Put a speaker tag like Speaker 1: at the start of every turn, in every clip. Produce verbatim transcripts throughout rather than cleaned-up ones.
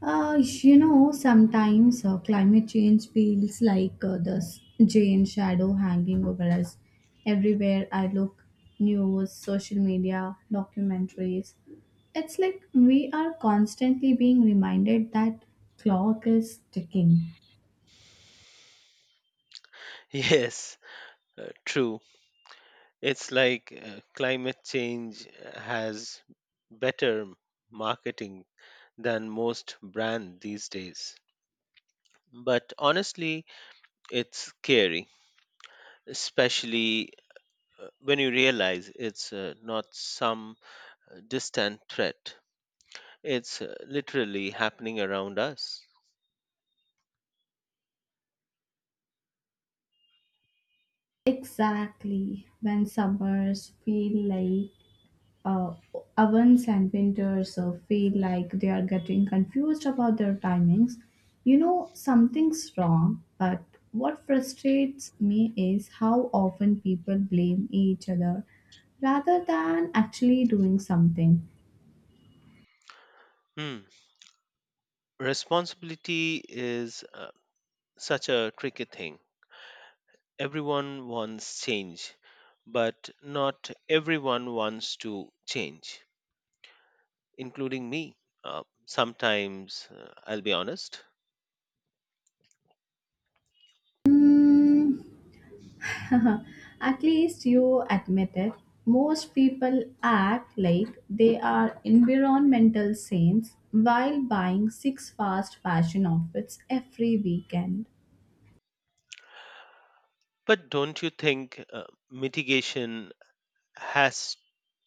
Speaker 1: Uh, you know, sometimes uh, climate change feels like uh, this giant shadow hanging over us. Everywhere I look, news, social media, documentaries, it's like we are constantly being reminded that clock is ticking.
Speaker 2: Yes, uh, true. It's like uh, climate change has better marketing than most brand these days. But honestly, it's scary, especially uh, when you realize it's uh, not some uh, distant threat. It's uh, literally happening around us.
Speaker 1: Exactly when summers feel like uh, ovens and winters uh, feel like they are getting confused about their timings. You know, something's wrong, but what frustrates me is how often people blame each other rather than actually doing something.
Speaker 2: Hmm. Responsibility is uh, such a tricky thing. Everyone wants change, but not everyone wants to change, including me. Uh, sometimes, uh, I'll be honest.
Speaker 1: Hmm. At least you admit it. Most people act like they are environmental saints while buying six fast fashion outfits every weekend.
Speaker 2: But don't you think uh, mitigation has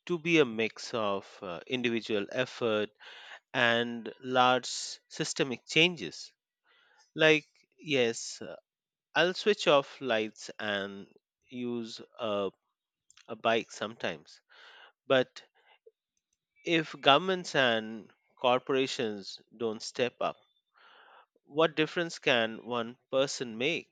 Speaker 2: to be a mix of uh, individual effort and large systemic changes? Like, yes, uh, I'll switch off lights and use a, a bike sometimes, but if governments and corporations don't step up, what difference can one person make?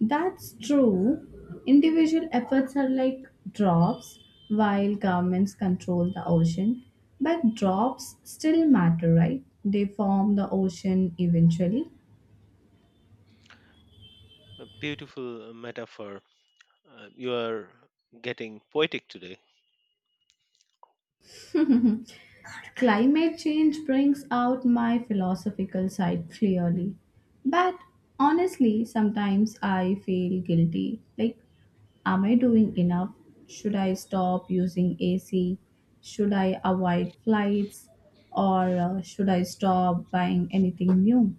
Speaker 1: That's true. Individual efforts are like drops, while governments control the ocean. But drops still matter, right? They form the ocean eventually.
Speaker 2: A beautiful metaphor. Uh, you are getting poetic today.
Speaker 1: Climate change brings out my philosophical side clearly. But honestly, sometimes I feel guilty. Like, am I doing enough? Should I stop using A C? Should I avoid flights? Or uh, should I stop buying anything new?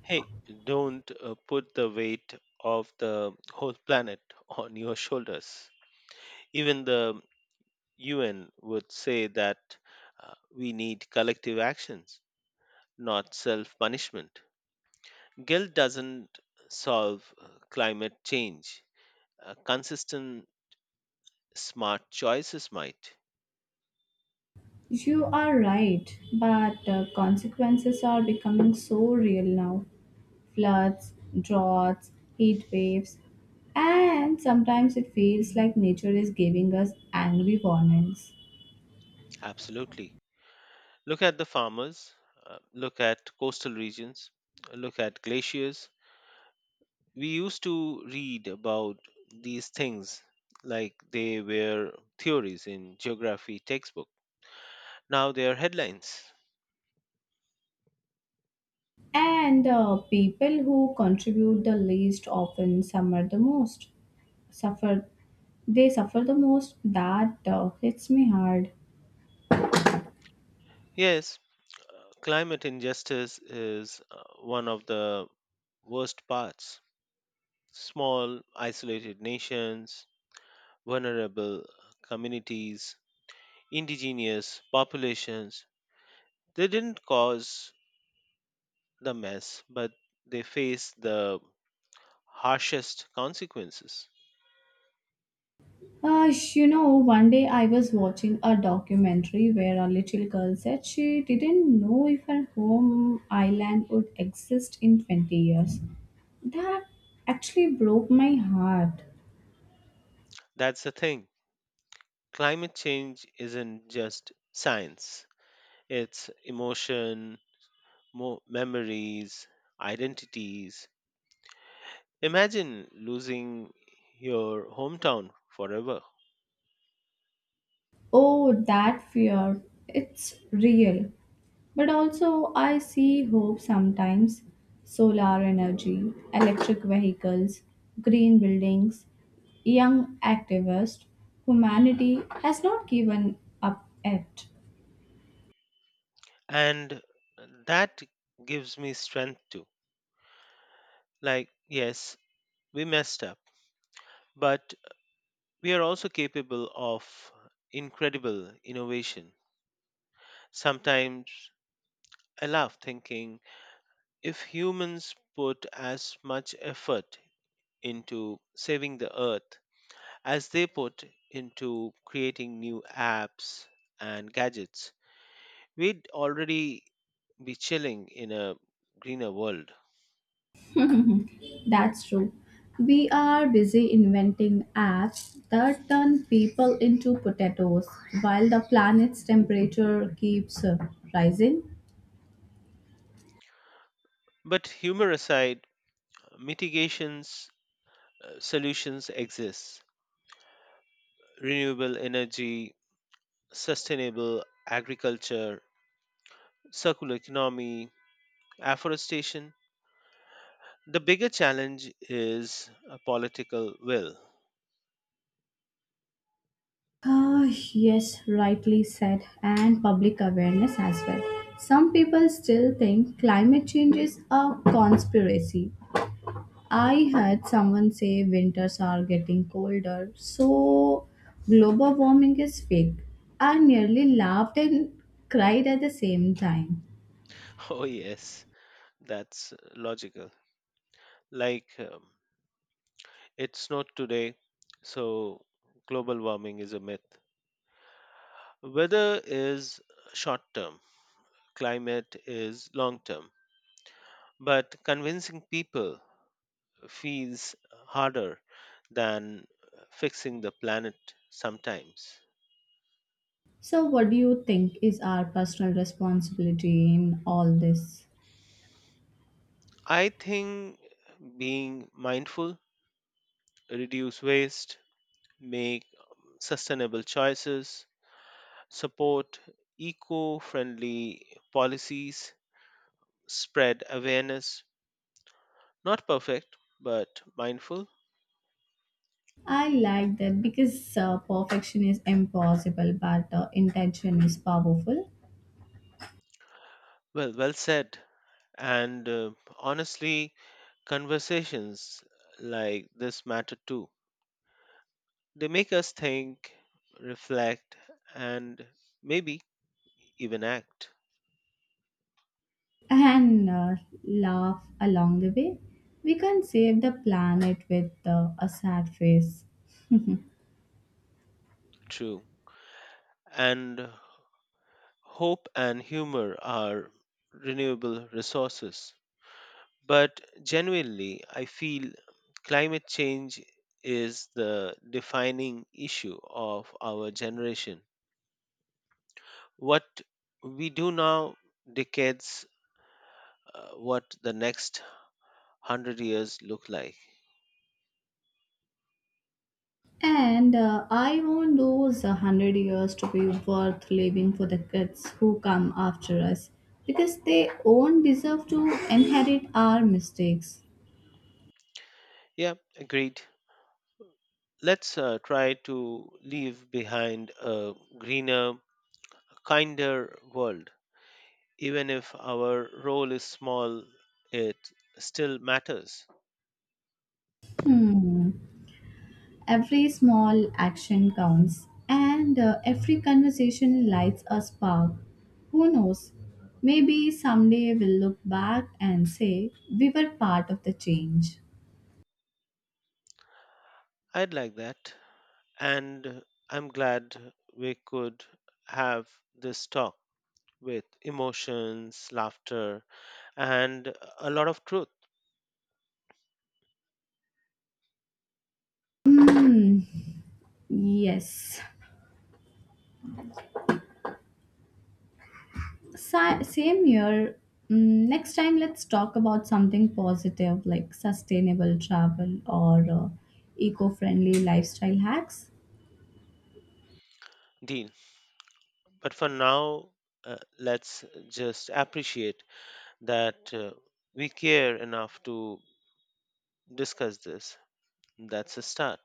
Speaker 2: Hey, don't uh, put the weight of the whole planet on your shoulders. Even the U N would say that uh, we need collective actions, not self punishment. Guilt doesn't solve uh, climate change. Uh, consistent smart choices might.
Speaker 1: You are right, but uh, consequences are becoming so real now. Floods, droughts, heat waves, and sometimes it feels like nature is giving us angry warnings.
Speaker 2: Absolutely. Look at the farmers, uh, look at coastal regions, look at glaciers. We used to read about these things like they were theories in geography textbook. Now they are headlines.
Speaker 1: And uh, people who contribute the least often suffer the most. Suffer, they suffer the most. That uh, hits me hard.
Speaker 2: Yes, uh, climate injustice is uh, one of the worst parts. Small, isolated nations, vulnerable communities, indigenous populations. They didn't cause the mess, but they faced the harshest consequences.
Speaker 1: Uh, you know, one day I was watching a documentary where a little girl said she didn't know if her home island would exist in twenty years. That actually broke my heart.
Speaker 2: That's the thing. Climate change isn't just science, it's emotion, mo- memories, identities. Imagine losing your hometown forever.
Speaker 1: Oh, that fear. It's real. But also, I see hope sometimes. Solar energy, electric vehicles, green buildings, young activists. Humanity has not given up yet.
Speaker 2: And that gives me strength too. Like, yes, we messed up, but we are also capable of incredible innovation. Sometimes I laugh thinking if humans put as much effort into saving the earth as they put into creating new apps and gadgets, we'd already be chilling in a greener world.
Speaker 1: That's true. We are busy inventing apps that turn people into potatoes while the planet's temperature keeps uh, rising.
Speaker 2: But humor aside, mitigations uh, solutions exist. Renewable energy, sustainable agriculture, circular economy, afforestation. The bigger challenge is a political will.
Speaker 1: Ah, yes, rightly said, and public awareness as well. Some people still think climate change is a conspiracy. I heard someone say winters are getting colder, so global warming is fake. I nearly laughed and cried at the same time.
Speaker 2: Oh, yes, that's logical. Like, um, it snowed today, so global warming is a myth. Weather is short term, climate is long term. But convincing people feels harder than fixing the planet sometimes.
Speaker 1: So, what do you think is our personal responsibility in all this?
Speaker 2: I think being mindful, reduce waste, make um, sustainable choices, support eco friendly policies, spread awareness. Not perfect, but mindful.
Speaker 1: I like that because uh, perfection is impossible, but uh, intention is powerful.
Speaker 2: Well, well said. And uh, honestly, conversations like this matter too. They make us think, reflect, and maybe even act.
Speaker 1: And uh, laugh along the way. We can save the planet with uh, a sad face.
Speaker 2: True. And hope and humor are renewable resources. But genuinely, I feel climate change is the defining issue of our generation. What we do now decades uh, what the next one hundred years look like.
Speaker 1: And uh, I want those one hundred years to be worth living for the kids who come after us because they won't deserve to inherit our mistakes.
Speaker 2: Yeah, agreed. Let's uh, try to leave behind a greener, kinder world. Even if our role is small, it still matters.
Speaker 1: Hmm. Every small action counts, and uh, every conversation lights a spark. Who knows? Maybe someday we'll look back and say we were part of the change.
Speaker 2: I'd like that. And I'm glad we could have this talk with emotions, laughter, and a lot of truth,
Speaker 1: Hmm. Yes. Sa- same year. Mm, next time, let's talk about something positive like sustainable travel or uh, eco friendly lifestyle hacks.
Speaker 2: Dean. But for now, uh, let's just appreciate that uh, we care enough to discuss this. That's a start.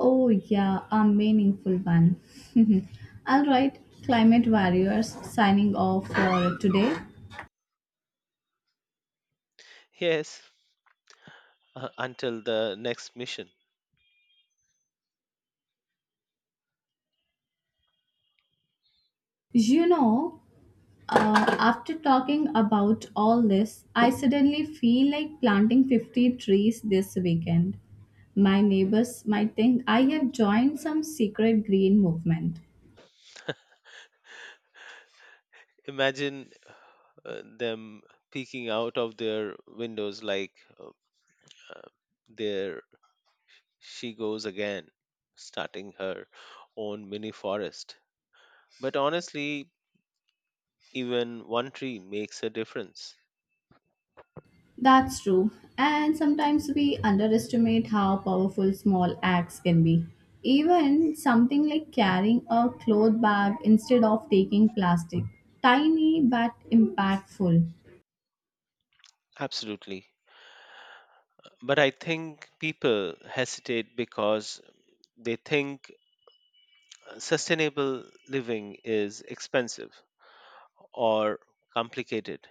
Speaker 1: Oh, yeah, a meaningful one. All right, climate warriors signing off for today.
Speaker 2: Yes, uh, until the next mission.
Speaker 1: You know, uh, After talking about all this, I suddenly feel like planting fifty trees this weekend. My neighbors might think I have joined some secret green movement.
Speaker 2: Imagine uh, them peeking out of their windows like uh, they're. She goes again, starting her own mini forest. But honestly, even one tree makes a difference.
Speaker 1: That's true. And sometimes we underestimate how powerful small acts can be. Even something like carrying a cloth bag instead of taking plastic. Tiny but impactful.
Speaker 2: Absolutely. But I think people hesitate because they think sustainable living is expensive or complicated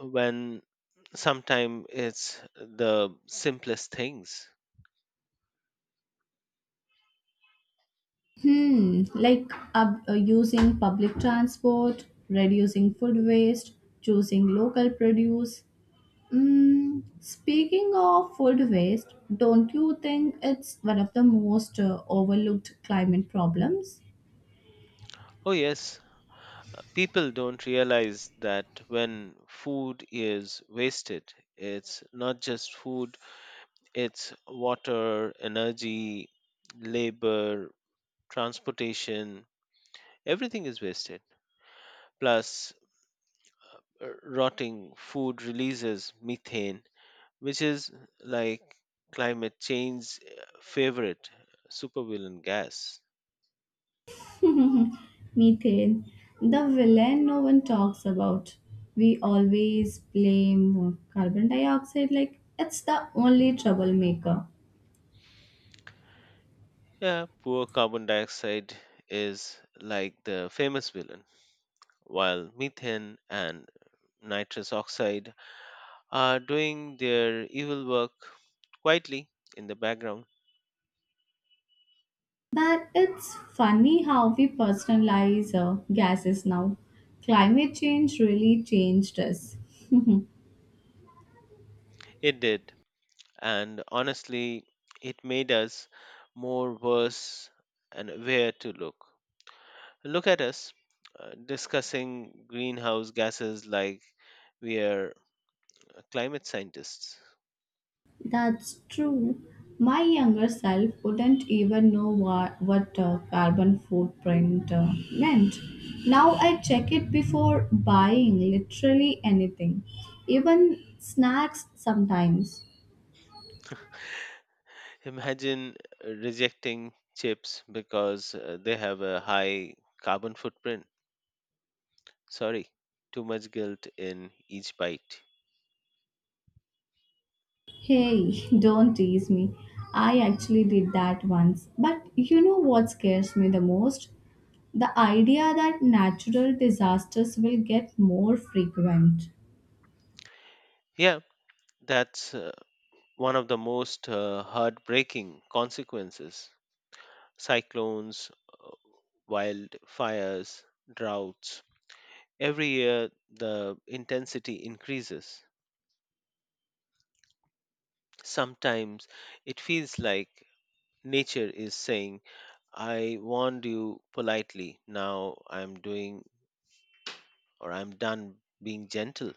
Speaker 2: when sometimes it's the simplest things.
Speaker 1: Hmm, like uh, uh, using public transport, reducing food waste, choosing local produce. Mm, speaking of food waste, don't you think it's one of the most uh, overlooked climate problems?
Speaker 2: Oh, yes, people don't realize that when food is wasted, it's not just food, it's water, energy, labor, transportation, everything is wasted. Plus, uh, rotting food releases methane, which is like climate change's uh, favorite supervillain gas.
Speaker 1: Methane, the villain no one talks about. We always blame carbon dioxide like it's the only troublemaker.
Speaker 2: Yeah, poor carbon dioxide is like the famous villain, while methane and nitrous oxide are doing their evil work quietly in the background.
Speaker 1: But it's funny how we personalize uh, gases now. Climate change really changed us.
Speaker 2: It did, and honestly, it made us more worse and aware to look. Look at us uh, discussing greenhouse gases like we are climate scientists.
Speaker 1: That's true. My younger self wouldn't even know what, what uh, carbon footprint uh, meant. Now I check it before buying literally anything, even snacks sometimes.
Speaker 2: Imagine rejecting chips because uh, they have a high carbon footprint. Sorry, too much guilt in each bite.
Speaker 1: Hey, don't tease me. I actually did that once. But you know what scares me the most? The idea that natural disasters will get more frequent.
Speaker 2: Yeah, that's uh, one of the most uh, heartbreaking consequences. Cyclones, uh, wildfires, droughts. Every year, the intensity increases. Sometimes it feels like nature is saying, I warned you politely, now I'm doing or I'm done being gentle.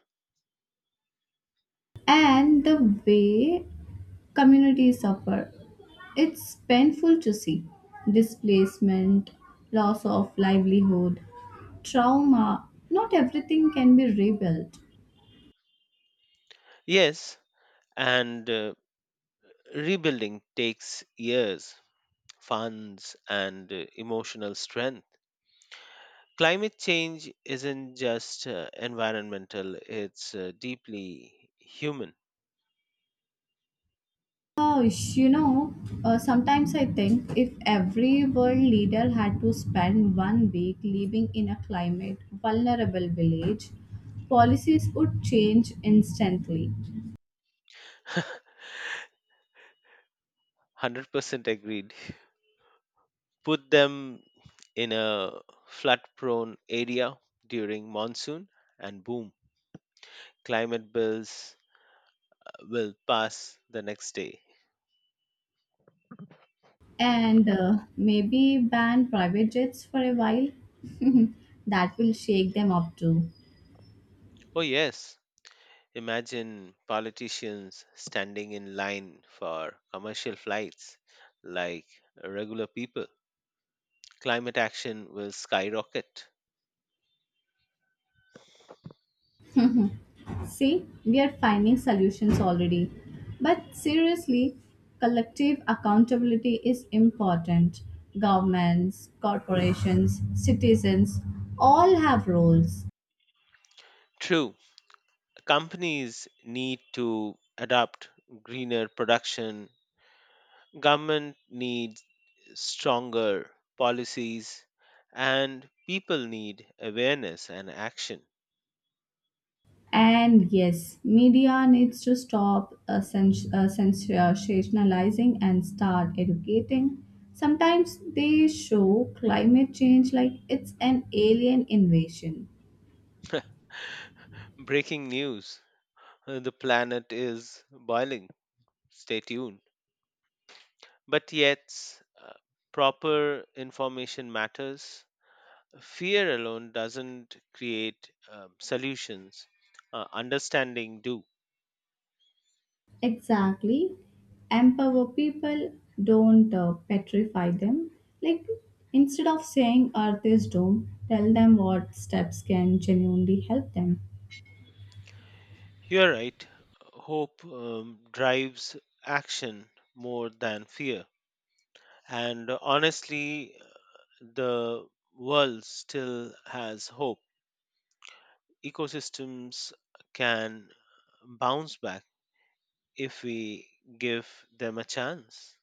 Speaker 1: And the way communities suffer. It's painful to see displacement, loss of livelihood, trauma. Not everything can be rebuilt.
Speaker 2: Yes, and uh, rebuilding takes years, funds, and uh, emotional strength. Climate change isn't just uh, environmental, it's uh, deeply human.
Speaker 1: Gosh, you know, uh, sometimes I think if every world leader had to spend one week living in a climate vulnerable village, policies would change instantly.
Speaker 2: one hundred percent agreed. Put them in a flood prone area during monsoon, and boom, climate bills will pass the next day.
Speaker 1: And uh, maybe ban private jets for a while. That will shake them up too.
Speaker 2: Oh, yes. Imagine politicians standing in line for commercial flights like regular people. Climate action will skyrocket.
Speaker 1: See, we are finding solutions already. But seriously, collective accountability is important. Governments, corporations, citizens all have roles.
Speaker 2: True, companies need to adopt greener production, government needs stronger policies, and people need awareness and action.
Speaker 1: And yes, media needs to stop uh, sens- uh, sens- uh, sensationalizing and start educating. Sometimes they show climate change like it's an alien invasion.
Speaker 2: Breaking news, uh, the planet is boiling, stay tuned, but yet uh, proper information matters, fear alone doesn't create um, solutions, uh, understanding do.
Speaker 1: Exactly. Empower people, don't uh, petrify them. Like, instead of saying Earth is doomed, tell them what steps can genuinely help them.
Speaker 2: You're right. Hope um, drives action more than fear. And honestly, the world still has hope. Ecosystems can bounce back if we give them a chance.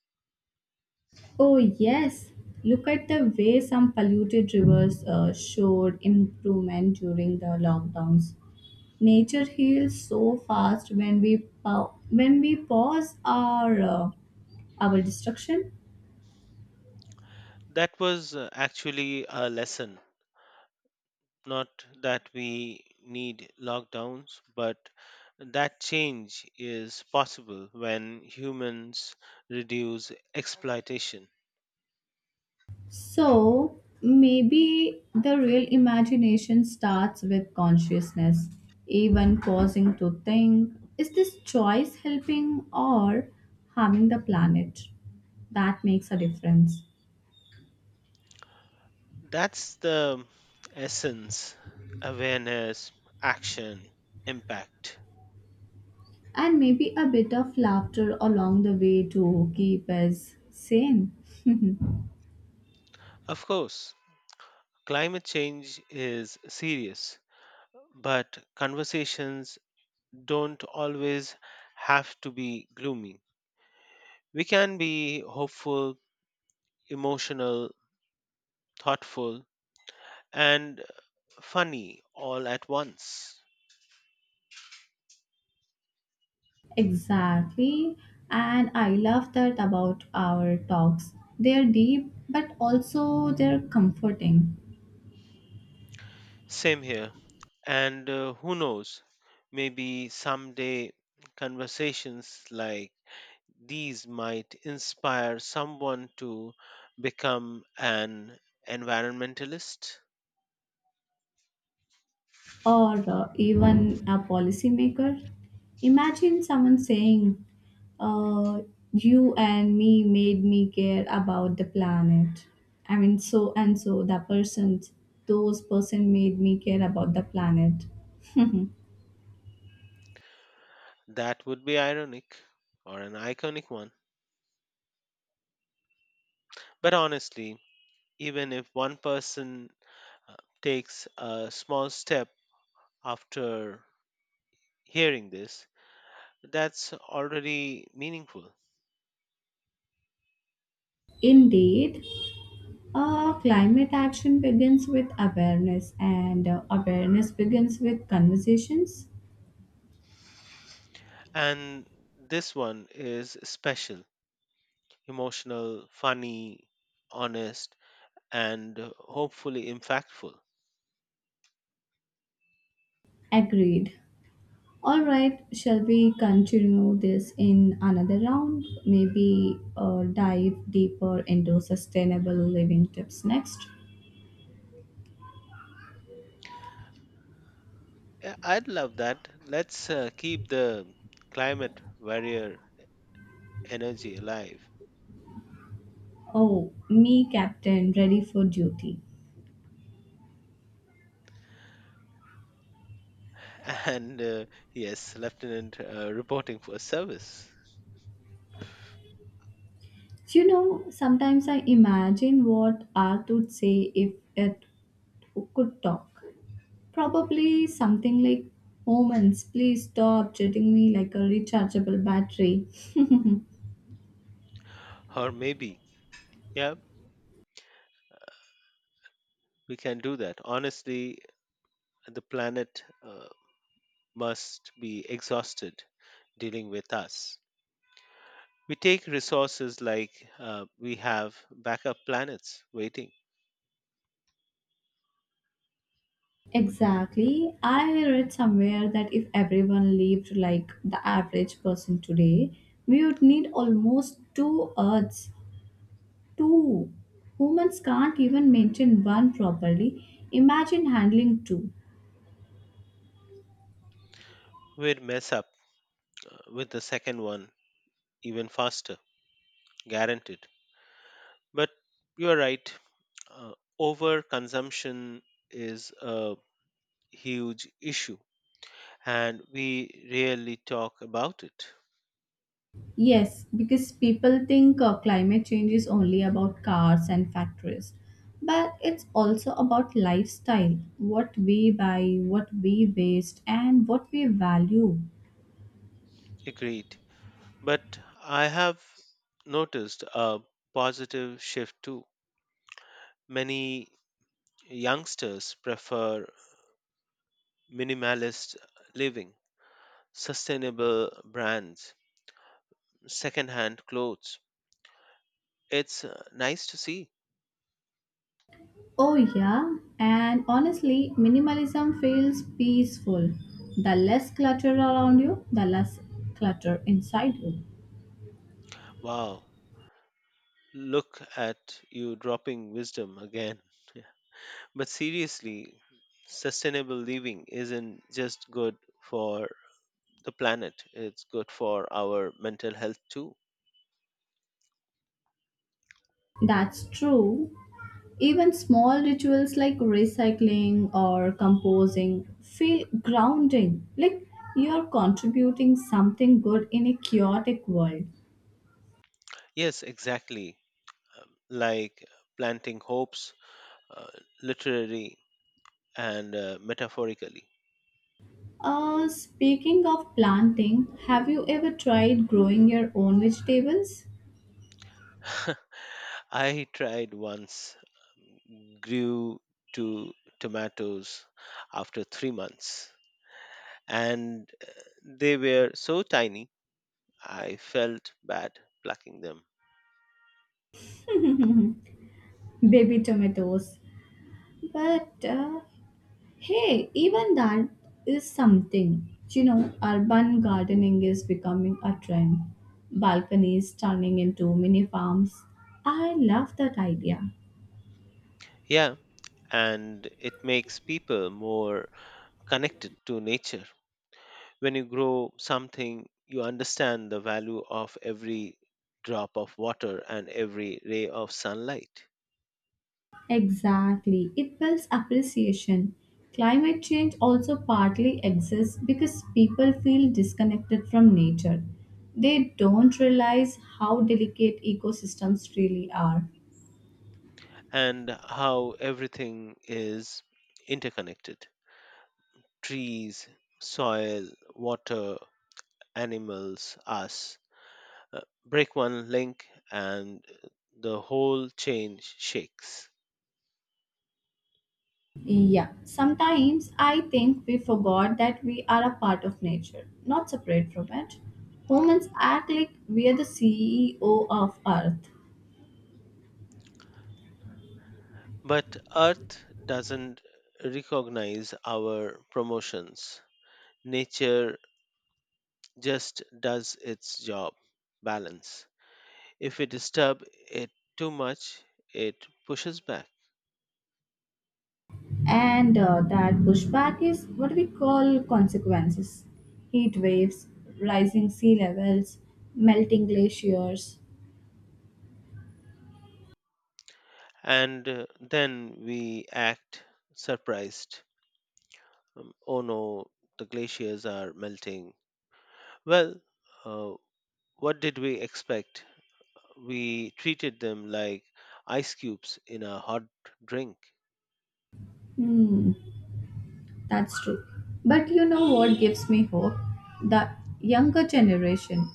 Speaker 1: Oh, yes. Look at the way some polluted rivers uh, showed improvement during the lockdowns. Nature heals so fast when we pa- when we pause our uh, our destruction.
Speaker 2: That was uh, actually a lesson. Not that we need lockdowns, but that change is possible when humans reduce exploitation.
Speaker 1: So maybe the real imagination starts with consciousness, even pausing to think: Is this choice helping or harming the planet? That makes a difference.
Speaker 2: That's the essence, awareness, action, impact.
Speaker 1: And maybe a bit of laughter along the way to keep us sane.
Speaker 2: Of course, climate change is serious, but conversations don't always have to be gloomy. We can be hopeful, emotional, thoughtful, and funny all at once.
Speaker 1: Exactly, and I love that about our talks. They're deep but also they're comforting.
Speaker 2: Same here. And uh, who knows, maybe someday conversations like these might inspire someone to become an environmentalist.
Speaker 1: Or uh, even a policymaker. Imagine someone saying, uh, You and me made me care about the planet. I mean, so and so, the person, those person made me care about the planet.
Speaker 2: That would be ironic or an iconic one. But honestly, even if one person uh, takes a small step after hearing this, that's already meaningful.
Speaker 1: Indeed, uh, climate action begins with awareness, and uh, awareness begins with conversations.
Speaker 2: And this one is special, emotional, funny, honest, and hopefully impactful.
Speaker 1: Agreed. All right, shall we continue this in another round? Maybe uh, dive deeper into sustainable living tips next.
Speaker 2: Yeah, I'd love that. Let's uh, keep the climate warrior energy alive.
Speaker 1: Oh, me, Captain, ready for duty.
Speaker 2: And uh, yes, Lieutenant uh, reporting for service.
Speaker 1: You know, sometimes I imagine what Art would say if it could talk. Probably something like, Omens, please stop treating me like a rechargeable battery.
Speaker 2: Or maybe, yeah, we can do that. Honestly, the planet uh, must be exhausted dealing with us. We take resources like uh, we have backup planets waiting.
Speaker 1: Exactly. I read somewhere that if everyone lived like the average person today, we would need almost two Earths. Two. Humans can't even maintain one properly. Imagine handling two.
Speaker 2: We'd mess up uh, with the second one even faster, guaranteed. But you are right. Uh, Overconsumption is a huge issue, and we rarely talk about it.
Speaker 1: Yes, because people think uh, climate change is only about cars and factories, but it's also about lifestyle what we buy, what we waste, and what we value.
Speaker 2: Agreed. But I have noticed a positive shift too. Many youngsters prefer minimalist living, sustainable brands, secondhand clothes. It's uh, nice to see.
Speaker 1: Oh, yeah, and honestly, minimalism feels peaceful. The less clutter around you, the less clutter inside you.
Speaker 2: Wow, look at you dropping wisdom again. But seriously, sustainable living isn't just good for the planet, it's good for our mental health too.
Speaker 1: That's true. Even small rituals like recycling or composing feel grounding, like you're contributing something good in a chaotic world.
Speaker 2: Yes, exactly. Um, Like planting hopes, uh, literally and uh, metaphorically.
Speaker 1: Uh, speaking of planting, have you ever tried growing your own vegetables?
Speaker 2: I tried once, grew two tomatoes after three months, and uh, they were so tiny, I felt bad plucking them.
Speaker 1: Baby tomatoes. But uh, hey, even that is something. You know, urban gardening is becoming a trend. Balconies turning into mini farms. I love that idea.
Speaker 2: Yeah, and it makes people more connected to nature. When you grow something, you understand the value of every drop of water and every ray of sunlight,
Speaker 1: Exactly. It builds appreciation. Climate change also partly exists because people feel disconnected from nature. They don't realize how delicate ecosystems really are.
Speaker 2: and how everything is interconnected, trees, soil, water, animals, us. Uh, break one link and the whole chain shakes.
Speaker 1: Yeah, sometimes I think we forgot that we are a part of nature, not separate from it. Humans act like we are the C E O of Earth.
Speaker 2: But Earth doesn't recognize our promotions. Nature just does its job, balance. If we disturb it too much, it pushes back.
Speaker 1: And uh, that pushback is what we call consequences heat waves, rising sea levels, melting glaciers.
Speaker 2: And uh, then we act surprised. Um, oh no, the glaciers are melting. Well, uh, what did we expect? We treated them like ice cubes in a hot drink.
Speaker 1: Hmm, that's true. But you know what gives me hope? The younger generation.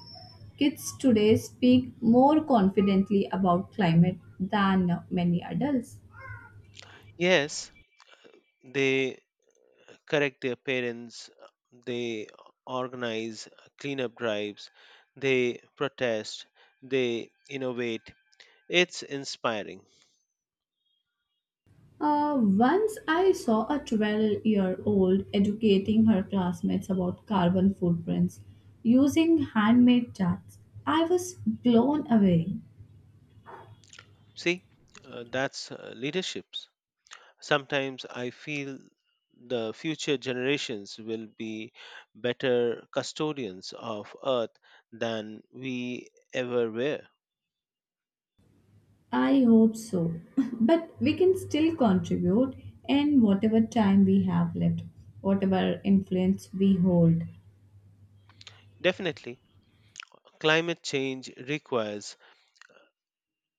Speaker 1: Kids today speak more confidently about climate than many adults.
Speaker 2: Yes, they correct their parents, uh, they organize cleanup drives, they protest, they innovate. It's inspiring.
Speaker 1: Uh, once I saw a twelve year old educating her classmates about carbon footprints using handmade charts. I was blown away.
Speaker 2: See, uh, that's uh, leaderships. Sometimes I feel the future generations will be better custodians of earth than we ever were.
Speaker 1: I hope so. But we can still contribute in whatever time we have left, whatever influence we hold.
Speaker 2: Definitely, climate change requires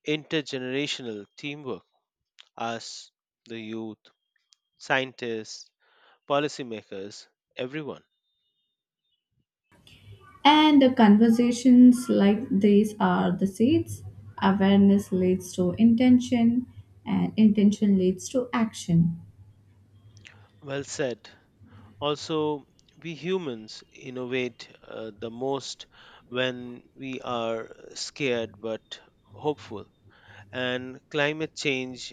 Speaker 2: intergenerational teamwork. Us, the youth, scientists, policymakers, everyone.
Speaker 1: And the conversations like these are the seeds. Awareness leads to intention, and intention leads to action.
Speaker 2: Well said. Also, we humans innovate uh, the most when we are scared but hopeful. And climate change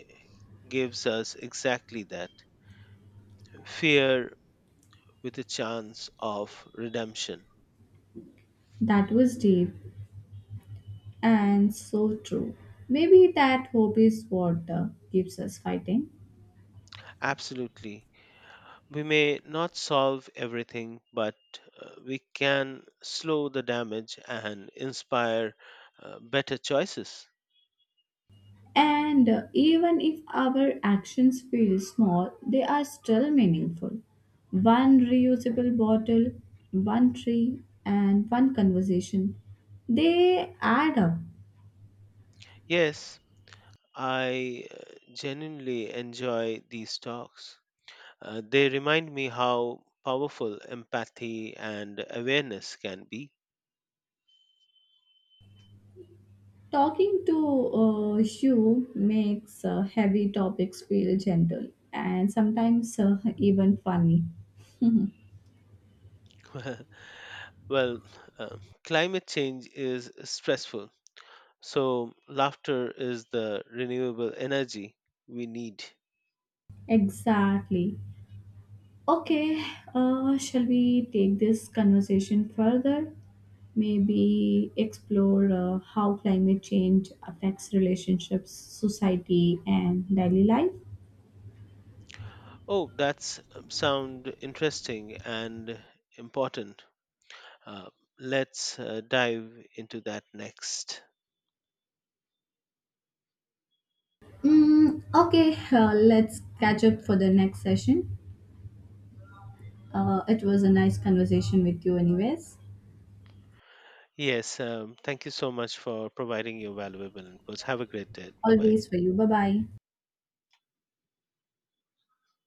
Speaker 2: gives us exactly that, fear with a chance of redemption.
Speaker 1: That was deep. And so true. Maybe that hope is what uh, keeps us fighting.
Speaker 2: Absolutely. We may not solve everything, but uh, we can slow the damage and inspire uh, better choices.
Speaker 1: And uh, even if our actions feel small, they are still meaningful. One reusable bottle, one tree, and one conversation. They add up.
Speaker 2: Yes, I uh, genuinely enjoy these talks. Uh, they remind me how powerful empathy and awareness can be.
Speaker 1: Talking to uh, you makes uh, heavy topics feel gentle and sometimes uh, even funny.
Speaker 2: Well, uh, climate change is stressful, so laughter is the renewable energy we need.
Speaker 1: Exactly. Okay, uh, shall we take this conversation further? Maybe explore uh, how climate change affects relationships, society, and daily life.
Speaker 2: Oh, that's um, sound interesting and important. Uh, let's uh, dive into that next.
Speaker 1: Mm, okay, uh, let's catch up for the next session. Uh, it was a nice conversation with you, anyways.
Speaker 2: Yes, um, thank you so much for providing your valuable inputs. Have a great day. Bye bye.
Speaker 1: Always for you. Bye bye.